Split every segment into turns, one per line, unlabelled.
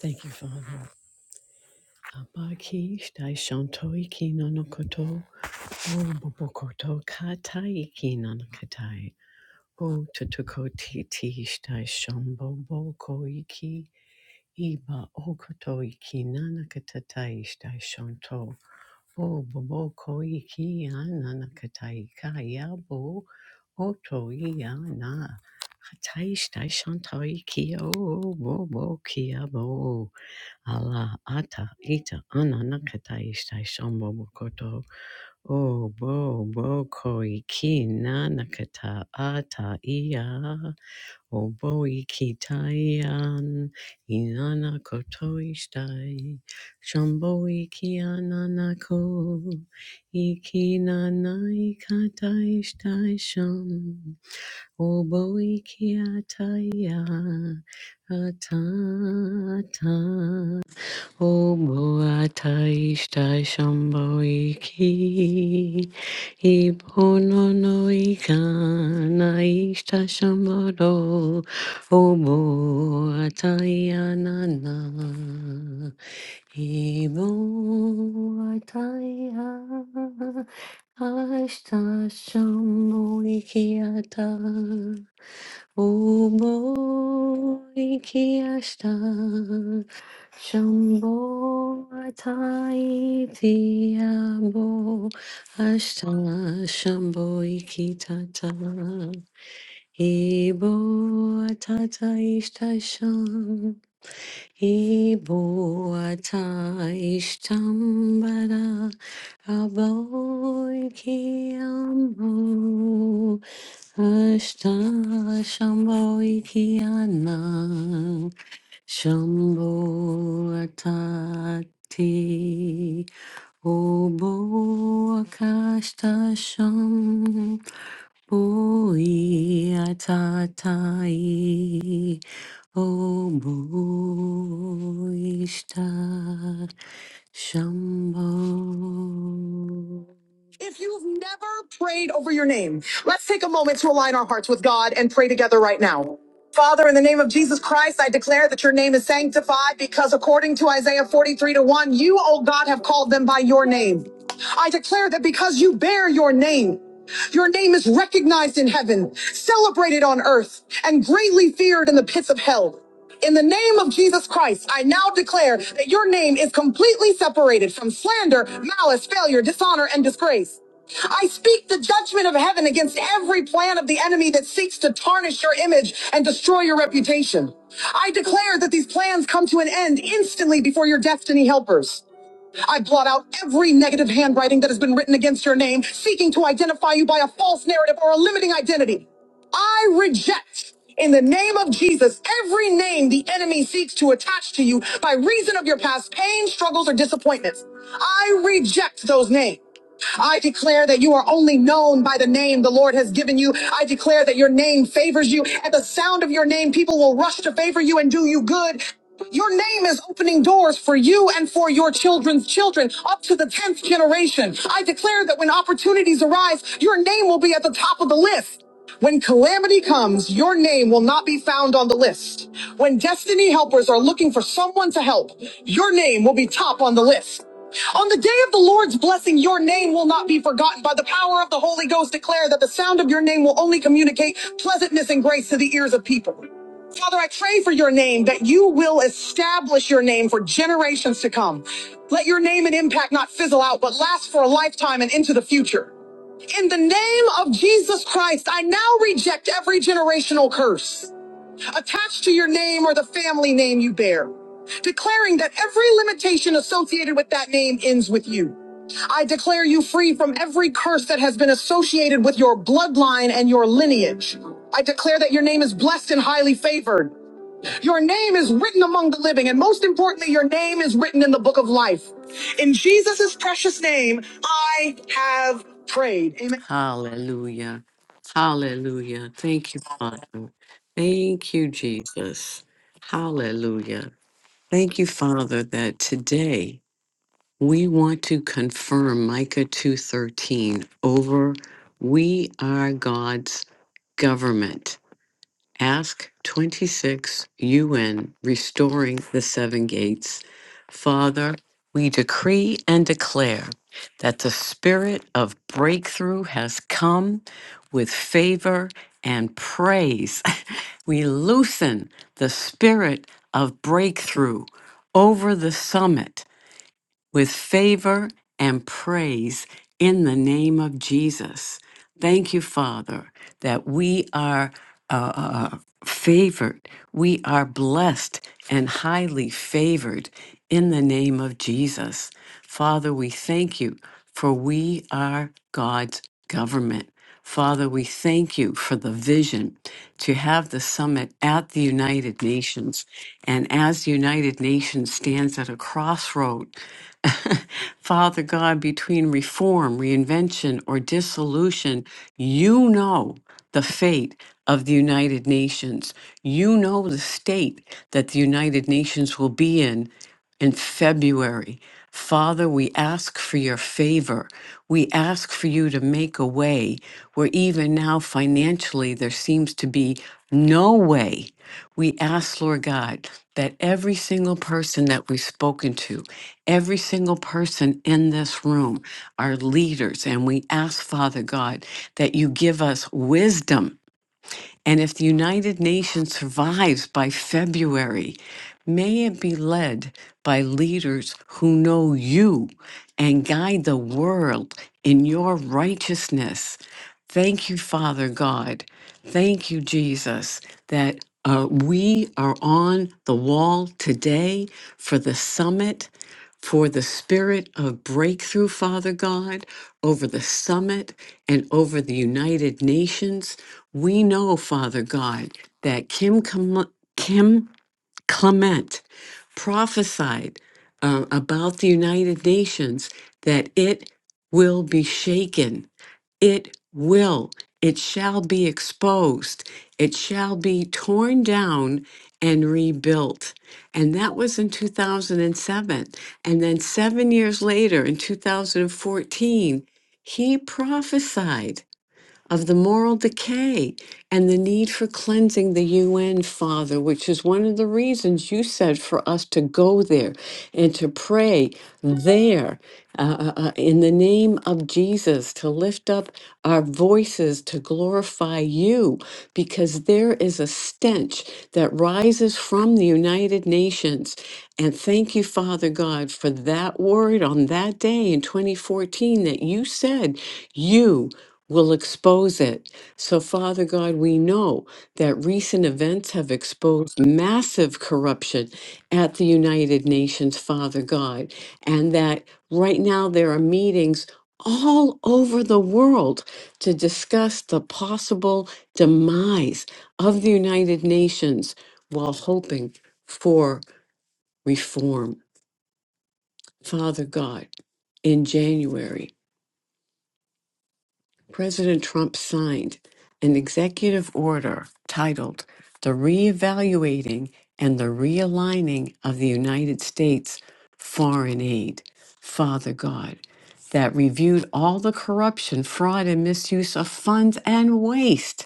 Thank you, Father. Abaki Daishanto Ikino no Koto O Bobokoto Katai Ikino no Katai O Tutuko Titi Daishombo Boko Iki Iba Okoto Ikinana Katatai Daishanto Po bobo koiki ana na kataika yabo otoia na hatai stai shantai kia o bobo kia bo ala ata ita ana na katai stai shambobo koto o bo koiki na na kata ata ia o bo iki taian inana koto istai Shambo iki ananako, iki nana ikatai shtaisham, obo iki ataya, atata. O boy, I wish to share myiki. I don't know if I can. I wish to share my love. O boy, I am not. I don't know if I am. I wish to share myiki. I don't. Shambho Atayitiyabo Ashta Shambho Ikitata Ebo Atata Ishtasha Ibo ata ishtambara aboy kiambo ashta shamboy kiana shambo atati obo akashta sham boi atatai Obo Ishtar Shambho if you've never prayed over your name, let's take a moment to align our hearts with God and pray together right now. Father, in the name of Jesus Christ, I declare that your name is sanctified because according to Isaiah 43 to 1, you, O God, have called them by your name. I declare that because you bear your name, your name is recognized in heaven, celebrated on earth, and greatly feared in the pits of hell. In the name of Jesus Christ, I now declare that your name is completely separated from slander, malice, failure, dishonor, and disgrace. I speak the judgment of heaven against every plan of the enemy that seeks to tarnish your image and destroy your reputation. I declare that these plans come to an end instantly before your destiny helpers. I blot out every negative handwriting that has been written against your name, seeking to identify you by a false narrative or a limiting identity. I reject in the name of Jesus every name the enemy seeks to attach to you by reason of your past pain, struggles, or disappointments. I reject those names. I declare that you are only known by the name the Lord has given you. I declare that your name favors you. At the sound of your name, people will rush to favor you and do you good. Your name is opening doors for you and for your children's children up to the 10th generation. I declare that when opportunities arise, your name will be at the top of the list. When calamity comes, your name will not be found on the list. When destiny helpers are looking for someone to help, your name will be top on the list. On the day of the Lord's blessing, your name will not be forgotten. By the power of the Holy Ghost, declare that the sound of your name will only communicate pleasantness and grace to the ears of people. Father, I pray for your name that you will establish your name for generations to come. Let your name and impact not fizzle out, but last for a lifetime and into the future. In the name of Jesus Christ, I now reject every generational curse attached to your name or the family name you bear, declaring that every limitation associated with that name ends with you. I declare you free from every curse that has been associated with your bloodline and your lineage. I declare that your name is blessed and highly favored. Your name is written among the living, and most importantly, your name is written in the book of life. In Jesus' precious name, I have prayed. Amen. Hallelujah. Hallelujah. Thank you, Father. Thank you, Jesus. Hallelujah. Thank you, Father, that today we want to confirm Micah 2:13 over we are God's government. Ask 26 UN Restoring the Seven Gates. Father, we decree and declare that the spirit of breakthrough has come with favor and praise. we loosen the spirit of breakthrough over the summit with favor and praise in the name of Jesus. Thank you, Father, that we are uh, uh, uh, favored. We are blessed and highly favored in the name of Jesus. Father, we thank you for we are God's government. Father, we thank you for the vision to have the summit at the United Nations and as the United Nations stands at a crossroad, Father God, between reform, reinvention, or dissolution, you know the fate of the United Nations. You know the state that the United Nations will be in in February. Father, we ask for your favor. We ask for you to make a way where even now financially there seems to be no way. We ask, Lord God, that every single person that we've spoken to, every single person in this room, our leaders. And we ask, Father God, that you give us wisdom and if the United Nations survives by February, may it be led by leaders who know you and guide the world in your righteousness. Thank you, Father God. Thank you, Jesus, that uh, we are on the wall today for the summit, for the spirit of breakthrough, Father God, over the summit and over the United Nations. We know, Father God, that Kim, Clem- Kim Clement prophesied uh, about the United Nations that it will be shaken. It will. It shall be exposed. It shall be torn down and rebuilt. And that was in 2007. And then seven years later, in 2014, he prophesied of the moral decay and the need for cleansing the UN, Father, which is one of the reasons you said for us to go there and to pray there uh, uh, uh, in the name of Jesus, to lift up our voices to glorify you, because there is a stench that rises from the United Nations. And thank you, Father God, for that word on that day in 2014 that you said you will expose it. So, Father God, we know that recent events have exposed massive corruption at the United Nations, Father God, and that. Right now, there are meetings all over the world to discuss the possible demise of the United Nations while hoping for reform. Father God, in January, President Trump signed an executive order titled The Reevaluating and the Realigning of the United States Foreign Aid. Father God, that reviewed all the corruption, fraud, and misuse of funds and waste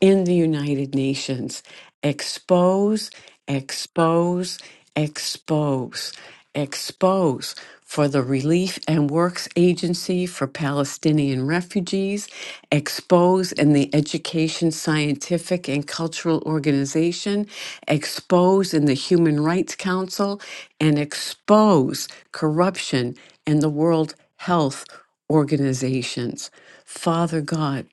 in the United Nations. Expose, expose, expose, expose for the Relief and Works Agency for Palestinian Refugees, expose in the Education, Scientific, and Cultural Organization, expose in the Human Rights Council, and expose corruption in the World health organizations. Father God,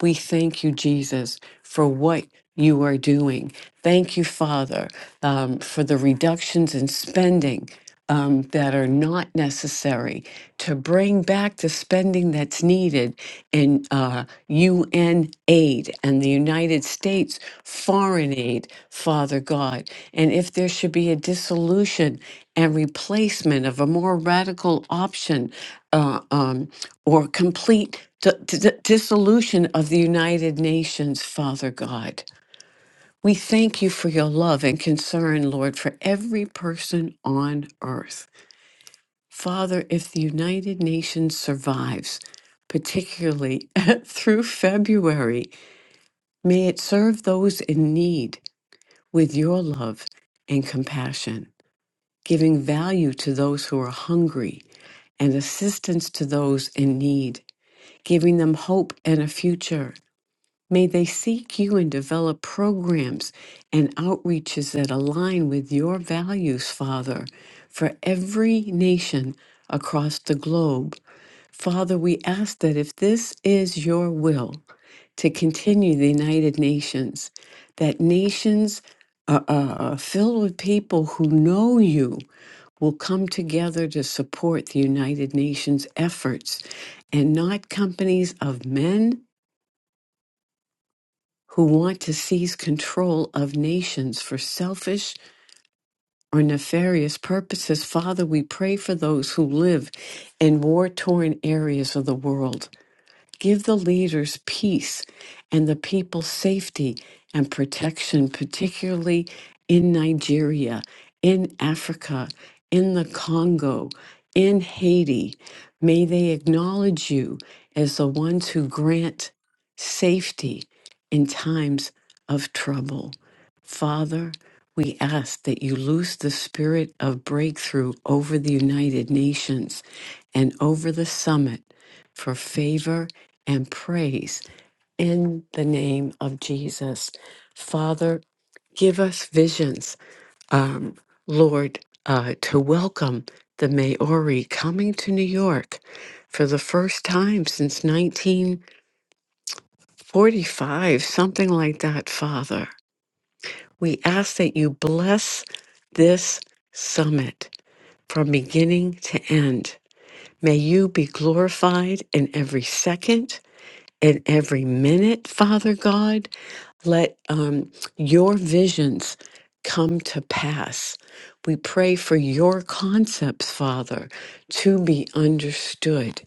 we thank you, Jesus, for what you are doing. Thank you, Father, um, for the reductions in spending um, that are not necessary to bring back the spending that's needed in uh, UN aid in the United States, foreign aid, Father God. And if there should be a dissolution and replacement of a more radical option uh, um, or complete d- d- dissolution of the United Nations, Father God. We thank you for your love and concern, Lord, for every person on earth. Father, if the United Nations survives, particularly through February. May it serve those in need with your love and compassion, giving value to those who are hungry and assistance to those in need, giving them hope and a future. May they seek you and develop programs and outreaches that align with your values, Father, for every nation across the globe. Father, we ask that if this is your will to continue the United Nations, that nations uh, uh, filled with people who know you will come together to support the United Nations efforts and not companies of men who want to seize control of nations for selfish or nefarious purposes. Father, we pray for those who live in war torn areas of the world. Give the leaders peace and the people safety and protection, particularly in Nigeria, in Africa, in the Congo, in Haiti. May they acknowledge you as the ones who grant safety in times of trouble. Father, we ask that you loose the spirit of breakthrough over the United Nations and over the summit for favor and praise in the name of Jesus. Father, give us visions, um, Lord, uh, to welcome the Maori coming to New York for the first time since 1945, something like that, Father. We ask that you bless this summit from beginning to end. May you be glorified in every second. in every minute, Father God. Let um, your visions come to pass. We pray for your concepts, Father, to be understood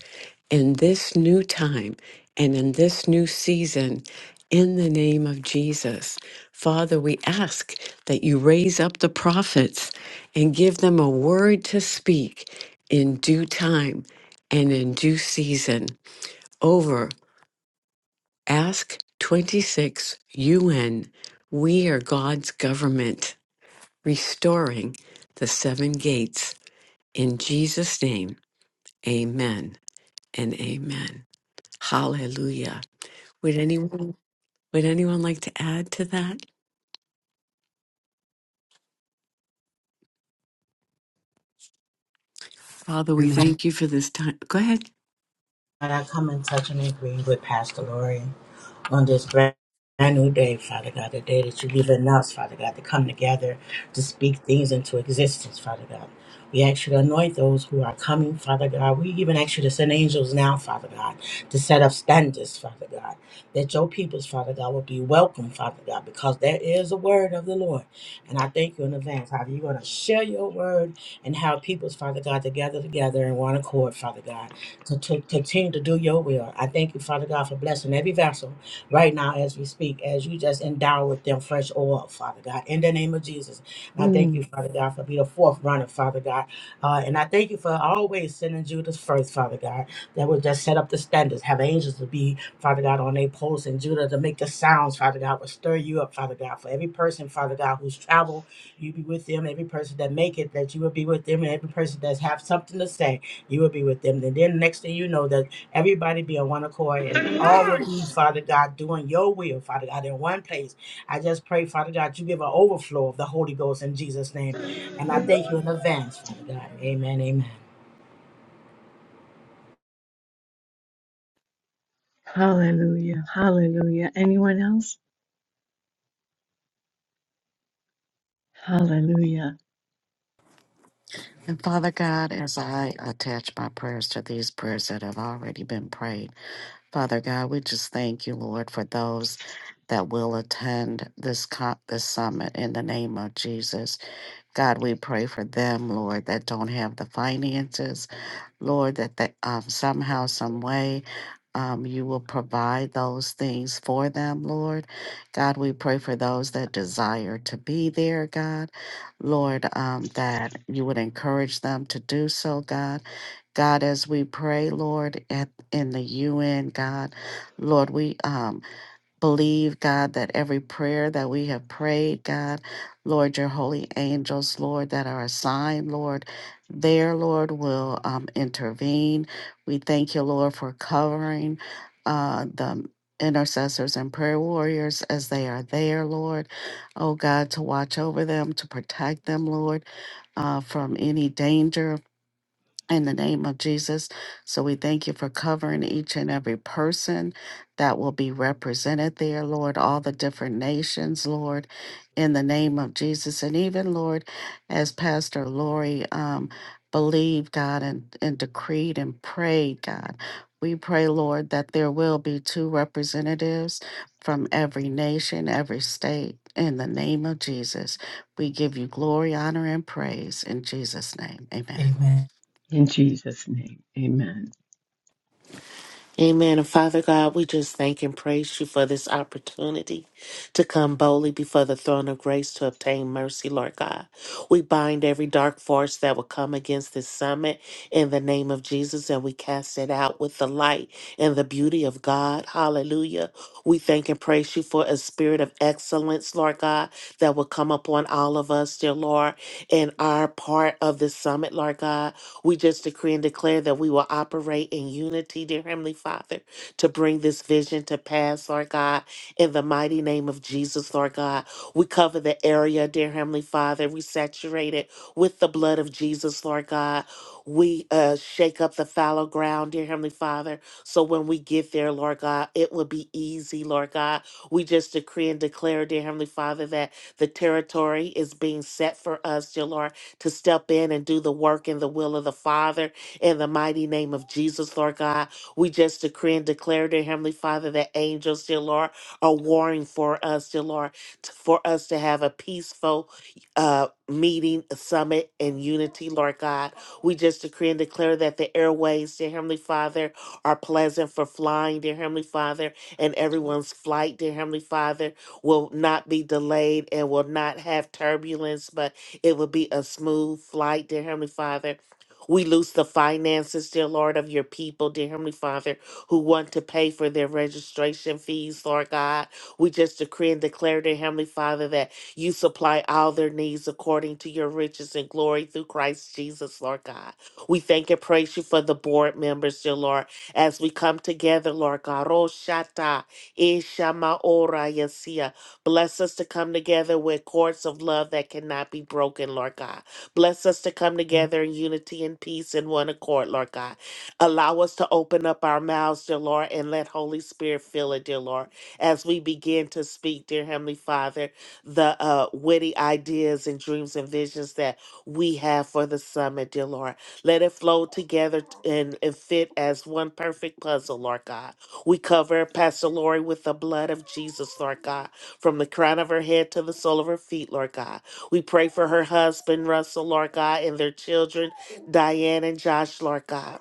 in this new time and in this new season. In the name of Jesus, Father, we ask that you raise up the prophets and give them a word to speak in due time and in due season over Ask 26 UN. We are God's government, restoring the seven gates. In Jesus' name, amen and amen. Hallelujah. Would anyone, would anyone like to add to that? Father, we
Amen.
thank you for this time. Go ahead.
God, I come in touch and agree with Pastor Lori on this brand new day, Father God, the day that you have given us, Father God, to come together to speak things into existence, Father God. We ask you to anoint those who are coming, Father God. We even ask you to send angels now, Father God, to set up standards, Father God, that your peoples, Father God, will be welcome, Father God, because there is a word of the Lord. And I thank you in advance, Father. You're going to share your word and have peoples, Father God, together, together in one accord, Father God to, to continue to do your will. I thank you, Father God, for blessing every vessel right now as we speak, as you just endow with them fresh oil, Father God, in the name of Jesus. And I thank you, Father God, for being a fourth runner, Father God. Uh, and I thank you for always sending Judas first, Father God, that will just set up the standards, have angels to be, Father God, on their posts, and Judah to make the sounds, Father God, will stir you up, Father God, for every person, Father God, who's traveled, you be with them, every person that make it, that you will be with them, and every person that have something to say. You will be with them. And then next thing you know, that everybody be on one accord and all will be, Father God, doing your will, Father God, in one place. I just pray, Father God, you give an overflow of the Holy Ghost in Jesus' name. And I thank you in advance, Father God. Amen, amen.
Hallelujah. Hallelujah. Anyone else? Hallelujah.
And Father God, as I attach my prayers to these prayers that have already been prayed, Father God, we just thank you, Lord, for those that will attend this co- this summit in the name of Jesus. God, we pray for them, Lord, that don't have the finances. Lord, that they, um, somehow, some way, um, you will provide those things for them, Lord. God, we pray for those that desire to be there, God. Lord, um, that you would encourage them to do so, God. God, as we pray, Lord, at, in the UN, God, Lord, we um, believe, God, that every prayer that we have prayed, God, Lord, your holy angels, Lord, that are assigned, Lord, there, Lord, will um, intervene. We thank you, Lord, for covering uh, the intercessors and prayer warriors as they are there, Lord. Oh, God, to watch over them, to protect them, Lord, uh, from any danger, in the name of Jesus. So we thank you for covering each and every person that will be represented there, Lord, all the different nations, Lord, in the name of Jesus. And even, Lord, as Pastor Lori um, believed, God, and, and decreed and prayed, God, we pray, Lord, that there will be two representatives from every nation, every state, in the name of Jesus. We give you glory, honor, and praise in Jesus' name. Amen.
Amen.
In Jesus' name. Amen.
Amen. And Father God, we just thank and praise you for this opportunity to come boldly before the throne of grace to obtain mercy, Lord God. We bind every dark force that will come against this summit in the name of Jesus and we cast it out with the light and the beauty of God. Hallelujah. We thank and praise you for a spirit of excellence, Lord God, that will come upon all of us, dear Lord, in our part of this summit, Lord God. We just decree and declare that we will operate in unity, dear Heavenly Father, to bring this vision to pass, Lord God, in the mighty name of Jesus, Lord God. We cover the area, dear Heavenly Father. We saturate it with the blood of Jesus, Lord God. We uh, shake up the fallow ground, dear Heavenly Father. So when we get there, Lord God, it will be easy, Lord God. We just decree and declare, dear Heavenly Father, that the territory is being set for us, dear Lord to step in and do the work in the will of the Father in the mighty name of Jesus, Lord God. We just decree and declare, dear Heavenly Father, that angels, dear Lord, are warring for us, dear Lord, t- for us to have a peaceful uh, meeting, summit, and unity, Lord God. We just decree and declare that the airways, dear Heavenly Father, are pleasant for flying, dear Heavenly Father, and everyone's flight, dear Heavenly Father, will not be delayed and will not have turbulence, but it would be a smooth flight, dear Heavenly Father. We loose the finances, dear Lord, of your people, dear Heavenly Father, who want to pay for their registration fees, Lord God. We just decree and declare, dear Heavenly Father, that you supply all their needs according to your riches and glory through Christ Jesus, Lord God. We thank and praise you for the board members, dear Lord, as we come together, Lord God. Oh, Ishama Ora Yasia. Bless us to come together with cords of love that cannot be broken, Lord God. Bless us to come together in unity and peace in one accord, Lord God. Allow us to open up our mouths, dear Lord, and let Holy Spirit fill it, dear Lord, as we begin to speak, dear Heavenly Father, the uh, witty ideas and dreams and visions that we have for the summit, dear Lord. Let it flow together t- and, and fit as one perfect puzzle, Lord God. We cover Pastor Lori with the blood of Jesus, Lord God from the crown of her head to the sole of her feet, Lord God. We pray for her husband, Russell, Lord God, and their children, Diane and Josh, Lord God.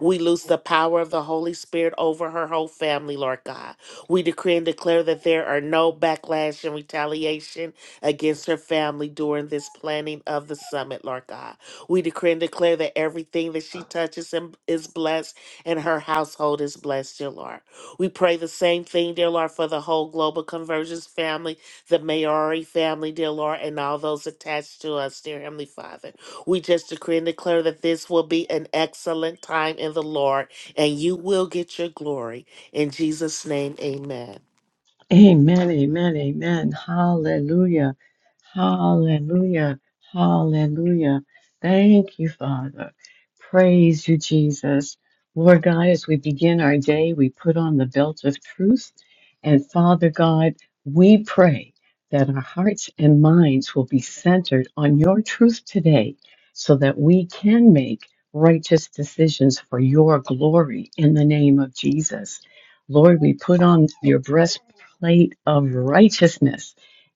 We loose the power of the Holy Spirit over her whole family, Lord God. We decree and declare that there are no backlash and retaliation against her family during this planning of the summit, Lord God. We decree and declare that everything that she touches and is blessed and her household is blessed, dear Lord. We pray the same thing, dear Lord, for the whole Global Conversions family, the Mayari family, dear Lord, and all those attached to us, dear Heavenly Father. We just decree and declare that this will be an excellent time in the Lord, and you will get your glory. In Jesus' name, amen.
Amen. Amen. Amen. Hallelujah. Hallelujah. Hallelujah. Thank you, Father. Praise you, Jesus. Lord God, as we begin our day, we put on the belt of truth. And Father God, we pray that our hearts and minds will be centered on your truth today so that we can make righteous decisions for your glory in the name of Jesus. Lord, we put on your breastplate of righteousness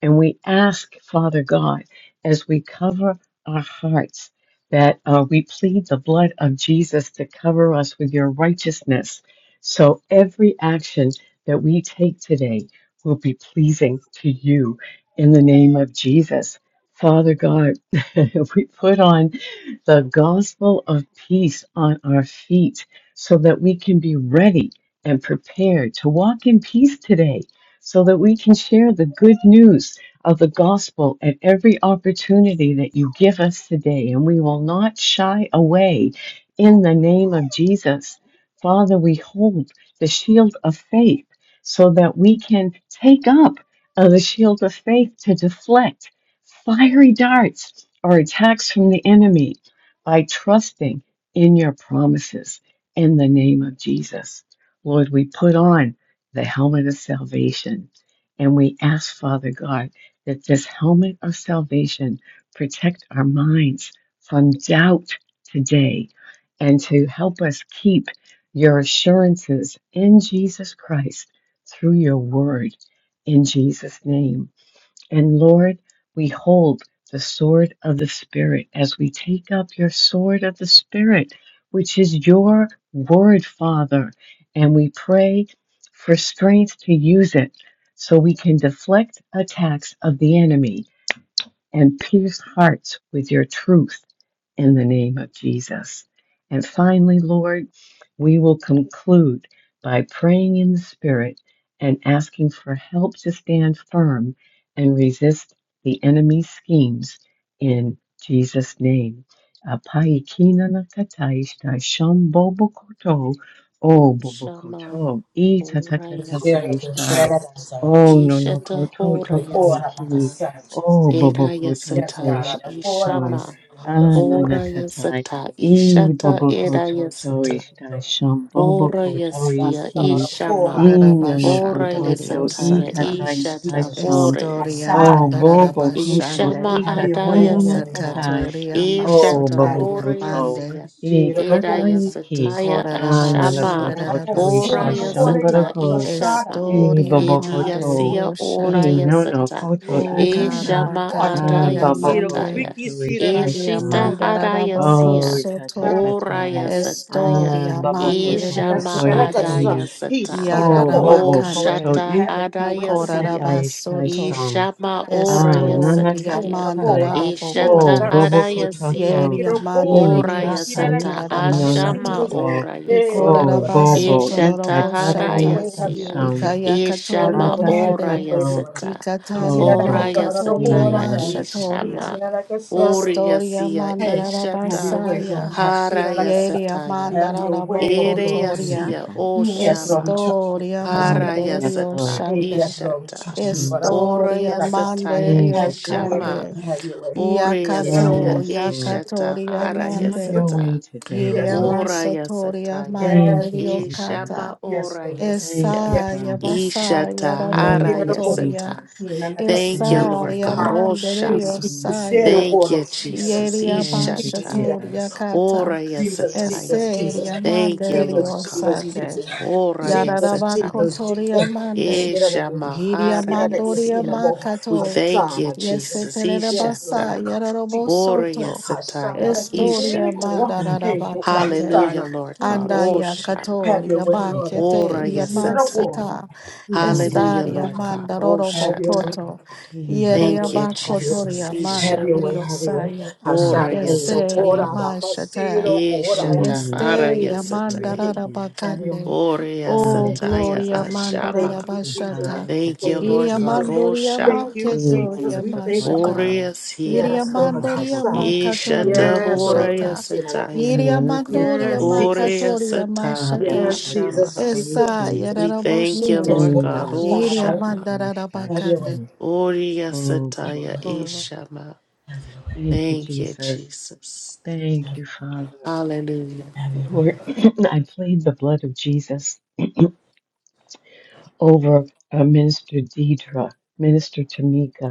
and we ask, Father God, as we cover our hearts, that uh, we plead the blood of Jesus to cover us with your righteousness. So every action that we take today will be pleasing to you in the name of Jesus. Father God, we put on the gospel of peace on our feet so that we can be ready and prepared to walk in peace today, so that we can share the good news of the gospel at every opportunity that you give us today. And we will not shy away in the name of Jesus. Father, we hold the shield of faith so that we can take up uh, the shield of faith to deflect fiery darts or attacks from the enemy by trusting in your promises in the name of Jesus. Lord, we put on the helmet of salvation and we ask, Father God, that this helmet of salvation protect our minds from doubt today and to help us keep your assurances in Jesus Christ through your word in Jesus' name. And Lord, we hold the sword of the Spirit as we take up your sword of the Spirit, which is your word, Father. And we pray for strength to use it so we can deflect attacks of the enemy and pierce hearts with your truth in the name of Jesus. And finally, Lord, we will conclude by praying in the Spirit and asking for help to stand firm and resist the enemy's schemes in Jesus' name. Apaikinanakataishtaishombobokoto,
Oh, Shama,
obobokoto,
Hora
Let's share it, let's share
Yasataya,
itatakatataishtai,
it, let's share Jesus.
Ishata
You
Hora
know, pour it out like a
ononokototokoiki.
Yasata,
son, Jesus.
O
Hey,
Era
Boboko
Yes,
Toto
God,
Yasataya,
I
Ishtai
pour it out my
Shum
Ishama,
sin. I go so
Hora
much,
Ananakatai
Jesus.
Yasata,
E
Ishata
Boboko
Yes,
Era
Lord.
Toto
Have
Yasata.
your way,
Ishtai
Lord.
Shum
Ora
Boboko Toi
yasia
Arabasara,
Ki E
ishama.
ora.
Nonoko
Ora
Ora, moko,
Toto E
see,
yasataya
Orarabashandereriosata.
Katai
Jesus,
ishata.
Jesus, Jesus.
Ora
Estoria
yasata.
Oh,
Asara, hey,
Bobo
Jesus.
Koto
Ishama
mandarabashandere.
Have your way,
adaya
Ikatamana
sata.
Lord.
Katai.
Yakatoria
Oh,
Ishata
Bobo
masotoria
ora
Koto
mande.
yasia.
Shira,
Era
loko, sama.
Ikataiki.
yasataya
Anana
ashama.
Shira,
Koto to
laka,
Toisha
Ora
sona,
Ikorarabashanderabasande.
loko,
yasata
Shambarako.
ishama.
hey.
I
Estoria
Bobo
Have
Idia
your
Koto.
way,
sia
I
oraya
manderioshata.
Nono
Jesus.
sata.
Koto
Shira,
O
i
hey, loko,
Itata.
Eshama
ora.
Ah,
adaya
garabakatoria
Bobo
Ira, ko,
mande.
Koto
sataya.
biki, shira,
Toisha
laka,
Iria
Eshita
Shan.
sona, laka.
haraya
mandaraboko
Oh,
sia.
i Itata
soto.
Yes, Lord, have
Oraya
Katai.
your way.
sataya.
Ah,
Estoria
Bobo
Sira na
Koto
Eshama
kasira na
manderioshande.
kasa.
adaya
Tokoiki.
He He's
sata.
seated.
Oh,
O
Bobo Koto
Yararabakande.
shata
i
Have you
kata
way
haraya
or have
sia.
Katai
Ikorarabasoto.
shashon.
Ishama
you way?
Ah,
oraya
He's
nana
Estoria
sataya.
katatai.
mandarara
seated.
Oh,
Eshata
Third
bokoto.
bobo
seat.
haraya sia.
kototo.
Yeria
E
Ora
mandererio
yasata
tataiki
satarara
nono
ashama
Jesus.
bashata.
koto.
ora
Hey, oh
yasia.
Ikorara
Oh,
Lord, have you?
baso
bobo.
way.
Isha
E
tororo
Have
tahara
your
katatai
boshata.
way, have your
yasia.
way,
stasham.
Lord.
Ikaya
Have your
katoria
Ishama
way,
Atata
have
ora
your
mande.
way,
kato.
Lord.
yasata.
He He said
Oh,
Ikataria
said I like a
Ora
bo.
son of the
E
makatoria
Lord,
yasataya
I like I
nana
like casada locura,
katai.
ishama.
mashatoria.
quisiera la casada
Ori
locura.
Estoria
yasia
Hey,
mandarara
have your
ishata
way, Lord.
basaya.
I
hara
Quisiera like casa.
Yeria
yasataya.
Have your
mandarara
way, oh
Ere
Lord. I
Thank you,
bokotoria.
see.
yasia
Father.
Mm, Yes, Lord, we
oshama.
trust you,
Estoria
Lord. Quisiera
Hara
la
Mm,
casa.
yes,
mandererio
Lord.
yasata
Hey,
shande.
yes, Lord, we
ishata.
trust you, Lord. I
Mm,
Ora
consider
Estoria
like casa.
yasataya
thank you,
manderio
Have your way,
ishama.
Lord.
cande.
Jesus.
Have your way. You
Ore
said I don't
Yakato,
yasia
don't
Yes, Lord.
ishata
Yakatoria
hara
Have your
Mande,
locura.
yasata.
way today,
Yes, Lord.
Hiriama
Lord.
Ora
masotoria
yasataya.
Yes,
Thank you,
Manderio
Jesus.
Jesus.
Kata,
Ishama
Yes,
ora
Lord.
Thank
yasia.
you,
Esa
Yes, Lord.
Father.
Yes.
Yamasa
Ishata
Thank
hara
Sira
you,
do ko.
Yarabokotoria,
yasata.
Jesus.
Hina na ka
Thank
sira
you,
Thank
na ko
Esa
you,
Lord
na
God.
Lord.
maya. Hini
Yamanderio
Roshama.
si
Mm.
sira do
Saya,
ko
Thank
ro
you,
sira do ko.
Jesus.
Yeria
Thank you,
Hini
Ishata.
Bashatoria
Jesus.
Kata,
Ora
Jesus,
yasataya.
Jesus, Jesus,
Ese
Jesus,
Thank you, Lord
Yamanderio
God.
Jesus,
Sande,
Jesus,
Ora
Jesus,
yasataya.
Jesus,
Yarabakotoria
Jesus.
Mande,
Shira da ki,
Ishama
ki
hara
shira da ki
Hiriamandoria
sina
yasia.
mo,
We
Makato,
Thank you,
thank you,
Hasana,
Jesus.
Jesus.
Jesus.
Yesetere
Yes, Lord,
basa
I
Ishata.
can
yarabo
see it.
Ora
soto.
Hasana
yasataya.
da ki shira
Estoria
da
Ishata.
ko,
Thank you,
hey, Lord,
Jesus.
mandarabakande.
Hallelujah,
Hasana.
Lord
Hmm,
God.
Yes,
Andaya
Lord,
Roshama.
have your
katoria
way, Lord.
ka
Ora
Ki
ta
baketeria
ho.
shira da ko,
yasataya.
maseta.
ki
Oh,
shira
Baba
Hallelujah,
Estaria
Lord
Kato.
Hasana.
God. Oh
mandarorobo
Have your
shata.
way,
koto.
God.
Eh,
Have
Nana
Yeria
your
Thank you,
way,
Kato
have
te
your way,
Jesus.
bakotoria
Koiki.
have
mande
your
Ishama.
way, have your way.
riosaya.
Ah,
Ora
Baba
Hashanah,
Yeseria
Kora,
yasataya.
Kato.
mashata.
Bakasiro,
Eh,
Kora,
Ishata. Ara
Kato
Hey,
Esteria
te
yasataya.
Jesus.
Koiki.
Have your way.
mandarabakande.
Ora
Oh,
Ah,
Thank you,
te
yasataya.
Jesus.
gloria
Thank
Ashama.
you, Jesus.
mandarabashata.
Ah,
Thank
Baba
you,
Thank you,
Lord
Iria
Kato.
God.
Jesus.
Oh
mandoria
Thank
shama.
you,
Eh,
Jesus.
maketoria
We thank you.
Ora
mashata.
Kato.
yasia.
Iria
Yes, Lord.
Ah, Baba
mandoria
Hashanah.
Kato te
makatoria
Ishata.
Yes, oh
Ora
Lord.
Koiki.
mashata.
Hashanah,
Eh,
Bakasi.
yasataya.
Iria mandoria
Yes,
Kato.
Ora
Jesus, Jesus.
makatoria
yasata.
Ah, Baba
mashata.
Yes,
Koto
Jesus,
Ishama.
Jesus,
Esa
Tokoiki.
Jesus.
We thank you,
Yes,
yararaboshite.
Lord
Lord.
God.
Nana
Oh
Iria
Koto
Hashanah.
shama.
Have your way.
mandarabakande.
Tokoishtaishon.
Ora
Oh,
Have
Baba
your
yasataya.
way.
Koto.
Ishama.
Have your way.
Thank you,
Thank you,
Jesus.
Jesus.
Thank
Have your way.
you, Father.
Hallelujah.
Have your way.
Lord, I plead the blood of Jesus over uh, Minister Deidre, Minister Tamika.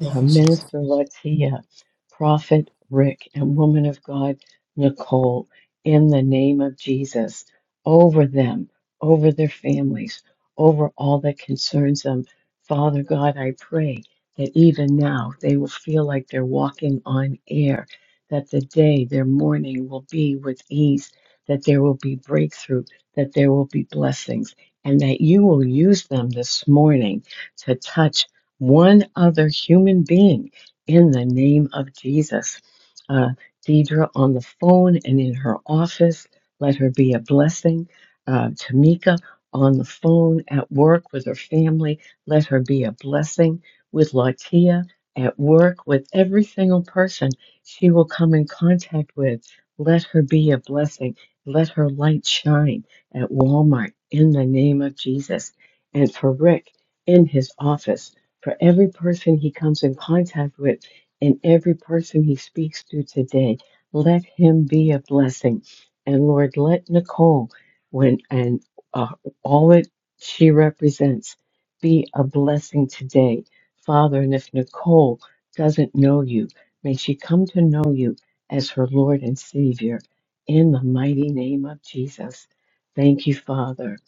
Thank
uh,
you, Jesus.
Minister Latia, Prophet Rick, and Woman of God Nicole, in the name of Jesus, over them, over their families, over all that concerns them. Father God, I pray that even now they will feel like they're walking on air, that the day, their morning will be with ease, that there will be breakthrough, that there will be blessings, and that you will use them this morning to touch one other human being in the name of Jesus. Uh, Deidre on the phone and in her office, let her be a blessing. Uh, Tamika on the phone at work with her family, let her be a blessing. With Latia at work, with every single person she will come in contact with, let her be a blessing. Let her light shine at Walmart in the name of Jesus. And for Rick in his office, for every person he comes in contact with and every person he speaks to today. Let him be a blessing. And Lord, let Nicole when and uh, all that she represents be a blessing today. Father, and if Nicole doesn't know you, may she come to know you as her Lord and Savior in the mighty name of Jesus. Thank you, Father.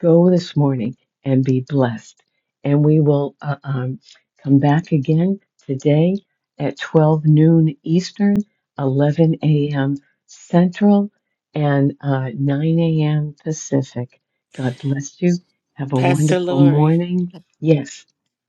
Go this morning and be blessed and we will uh, um, come back again today at 12 noon Eastern, 11 a.m. Central, and uh, 9 a.m. Pacific. God bless you. Have a
Pastor
wonderful
Lori.
morning. Yes,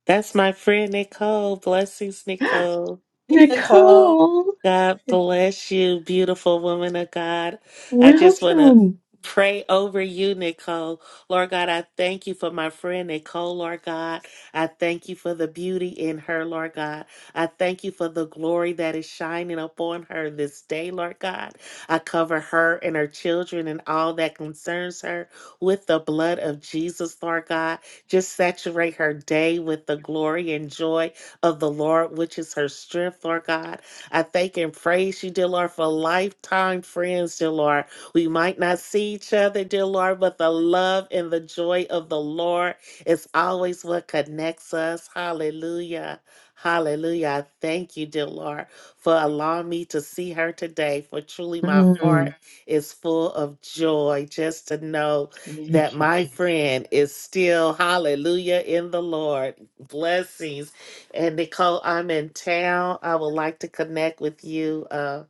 That's my friend Nicole. Blessings, Nicole.
Nicole,
God bless you, beautiful woman of God. I just want to
welcome.
pray over you, Nicole. Lord God, I thank you for my friend Nicole, Lord God. I thank you for the beauty in her, Lord God. I thank you for the glory that is shining upon her this day, Lord God. I cover her and her children and all that concerns her with the blood of Jesus, Lord God. Just saturate her day with the glory and joy of the Lord, which is her strength, Lord God. I thank and praise you, dear Lord, for lifetime friends, dear Lord. We might not see each other, dear Lord, but the love and the joy of the Lord is always what connects us. Hallelujah. Hallelujah. I thank you, dear Lord, for allowing me to see her today. For truly, my heart
Mm,
is full of joy just to know that
thank you,
my
Jesus.
friend is still, hallelujah, in the Lord. Blessings and Nicole, I'm in town. I would like to connect with you. Uh,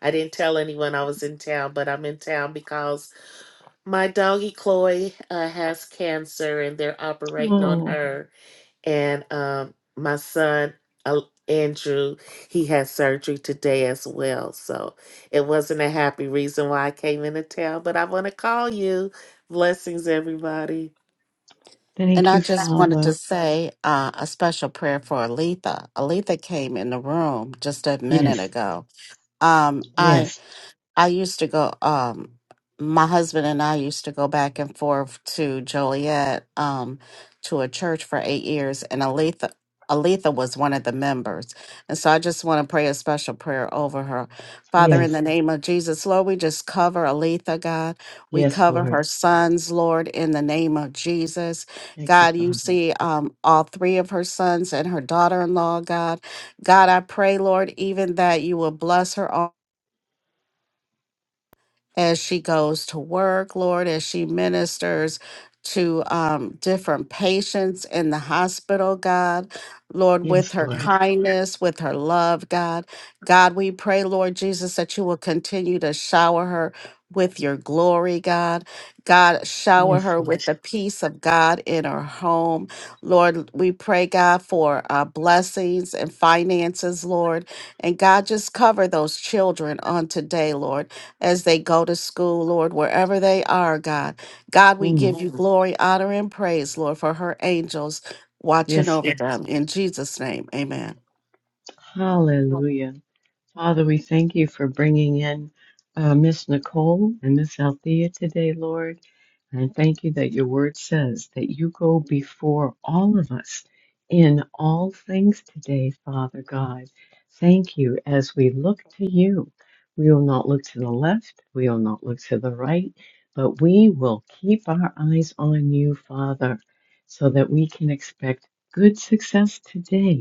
I didn't tell anyone I was in town, but I'm in town because my doggy Chloe uh, has cancer and they're operating on
Oh,
her. And um, my son, uh, Andrew, he has surgery today as well. So it wasn't a happy reason why I came into town, but I want to call you. Blessings, everybody.
And
thank
I
you,
just wanted to
Father.
say uh, a special prayer for Aletha. Aletha came in the room just a minute
Yes,
ago. Um, I.
yes,
I used to go, um, my husband and I used to go back and forth to Joliet um, to a church for eight years, and Aletha, Aletha was one of the members. And so I just want to pray a special prayer over her. Father, in
yes,
the name of Jesus, Lord, we just cover Aletha, God. We
yes,
cover
Lord.
her sons, Lord, in the name of Jesus.
Thank you,
God, you
Father.
see um, all three of her sons and her daughter in law, God. God, I pray, Lord, even that you will bless her as she goes to work, Lord, as she ministers to um, different patients in the hospital, God, Lord, with
Yes,
her Yes.
Lord.
kindness, with her love, God. God, we pray, Lord Jesus, that you will continue to shower her with your glory, God. God, shower
Yes,
her
Lord.
with the peace of God in her home. Lord, we pray, God, for uh, blessings and finances, Lord. And God, just cover those children on today, Lord as they go to school, Lord, wherever they are, God. God, we
Mm.
give you Mhm. glory, honor, and praise, Lord, for her angels watching
Yes,
over Yes.
Lord.
them. In Jesus' name, amen.
Hallelujah. Father, we thank you for bringing in uh, Miss Nicole and Miss Althea today, Lord. And thank you that your word says that you go before all of us in all things today, Father God. Thank you as we look to you. We will not look to the left, we will not look to the right, but we will keep our eyes on you, Father, so that we can expect good success today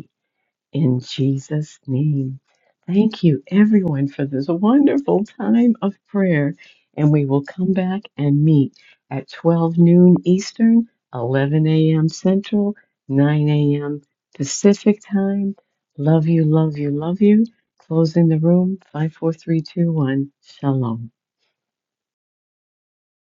in Jesus' name. Thank you, everyone, for this wonderful time of prayer. And we will come back and meet at 12 noon Eastern, 11 a.m. Central, 9 a.m. Pacific time. Love you, love you, love you. Closing the room, 54321. Shalom.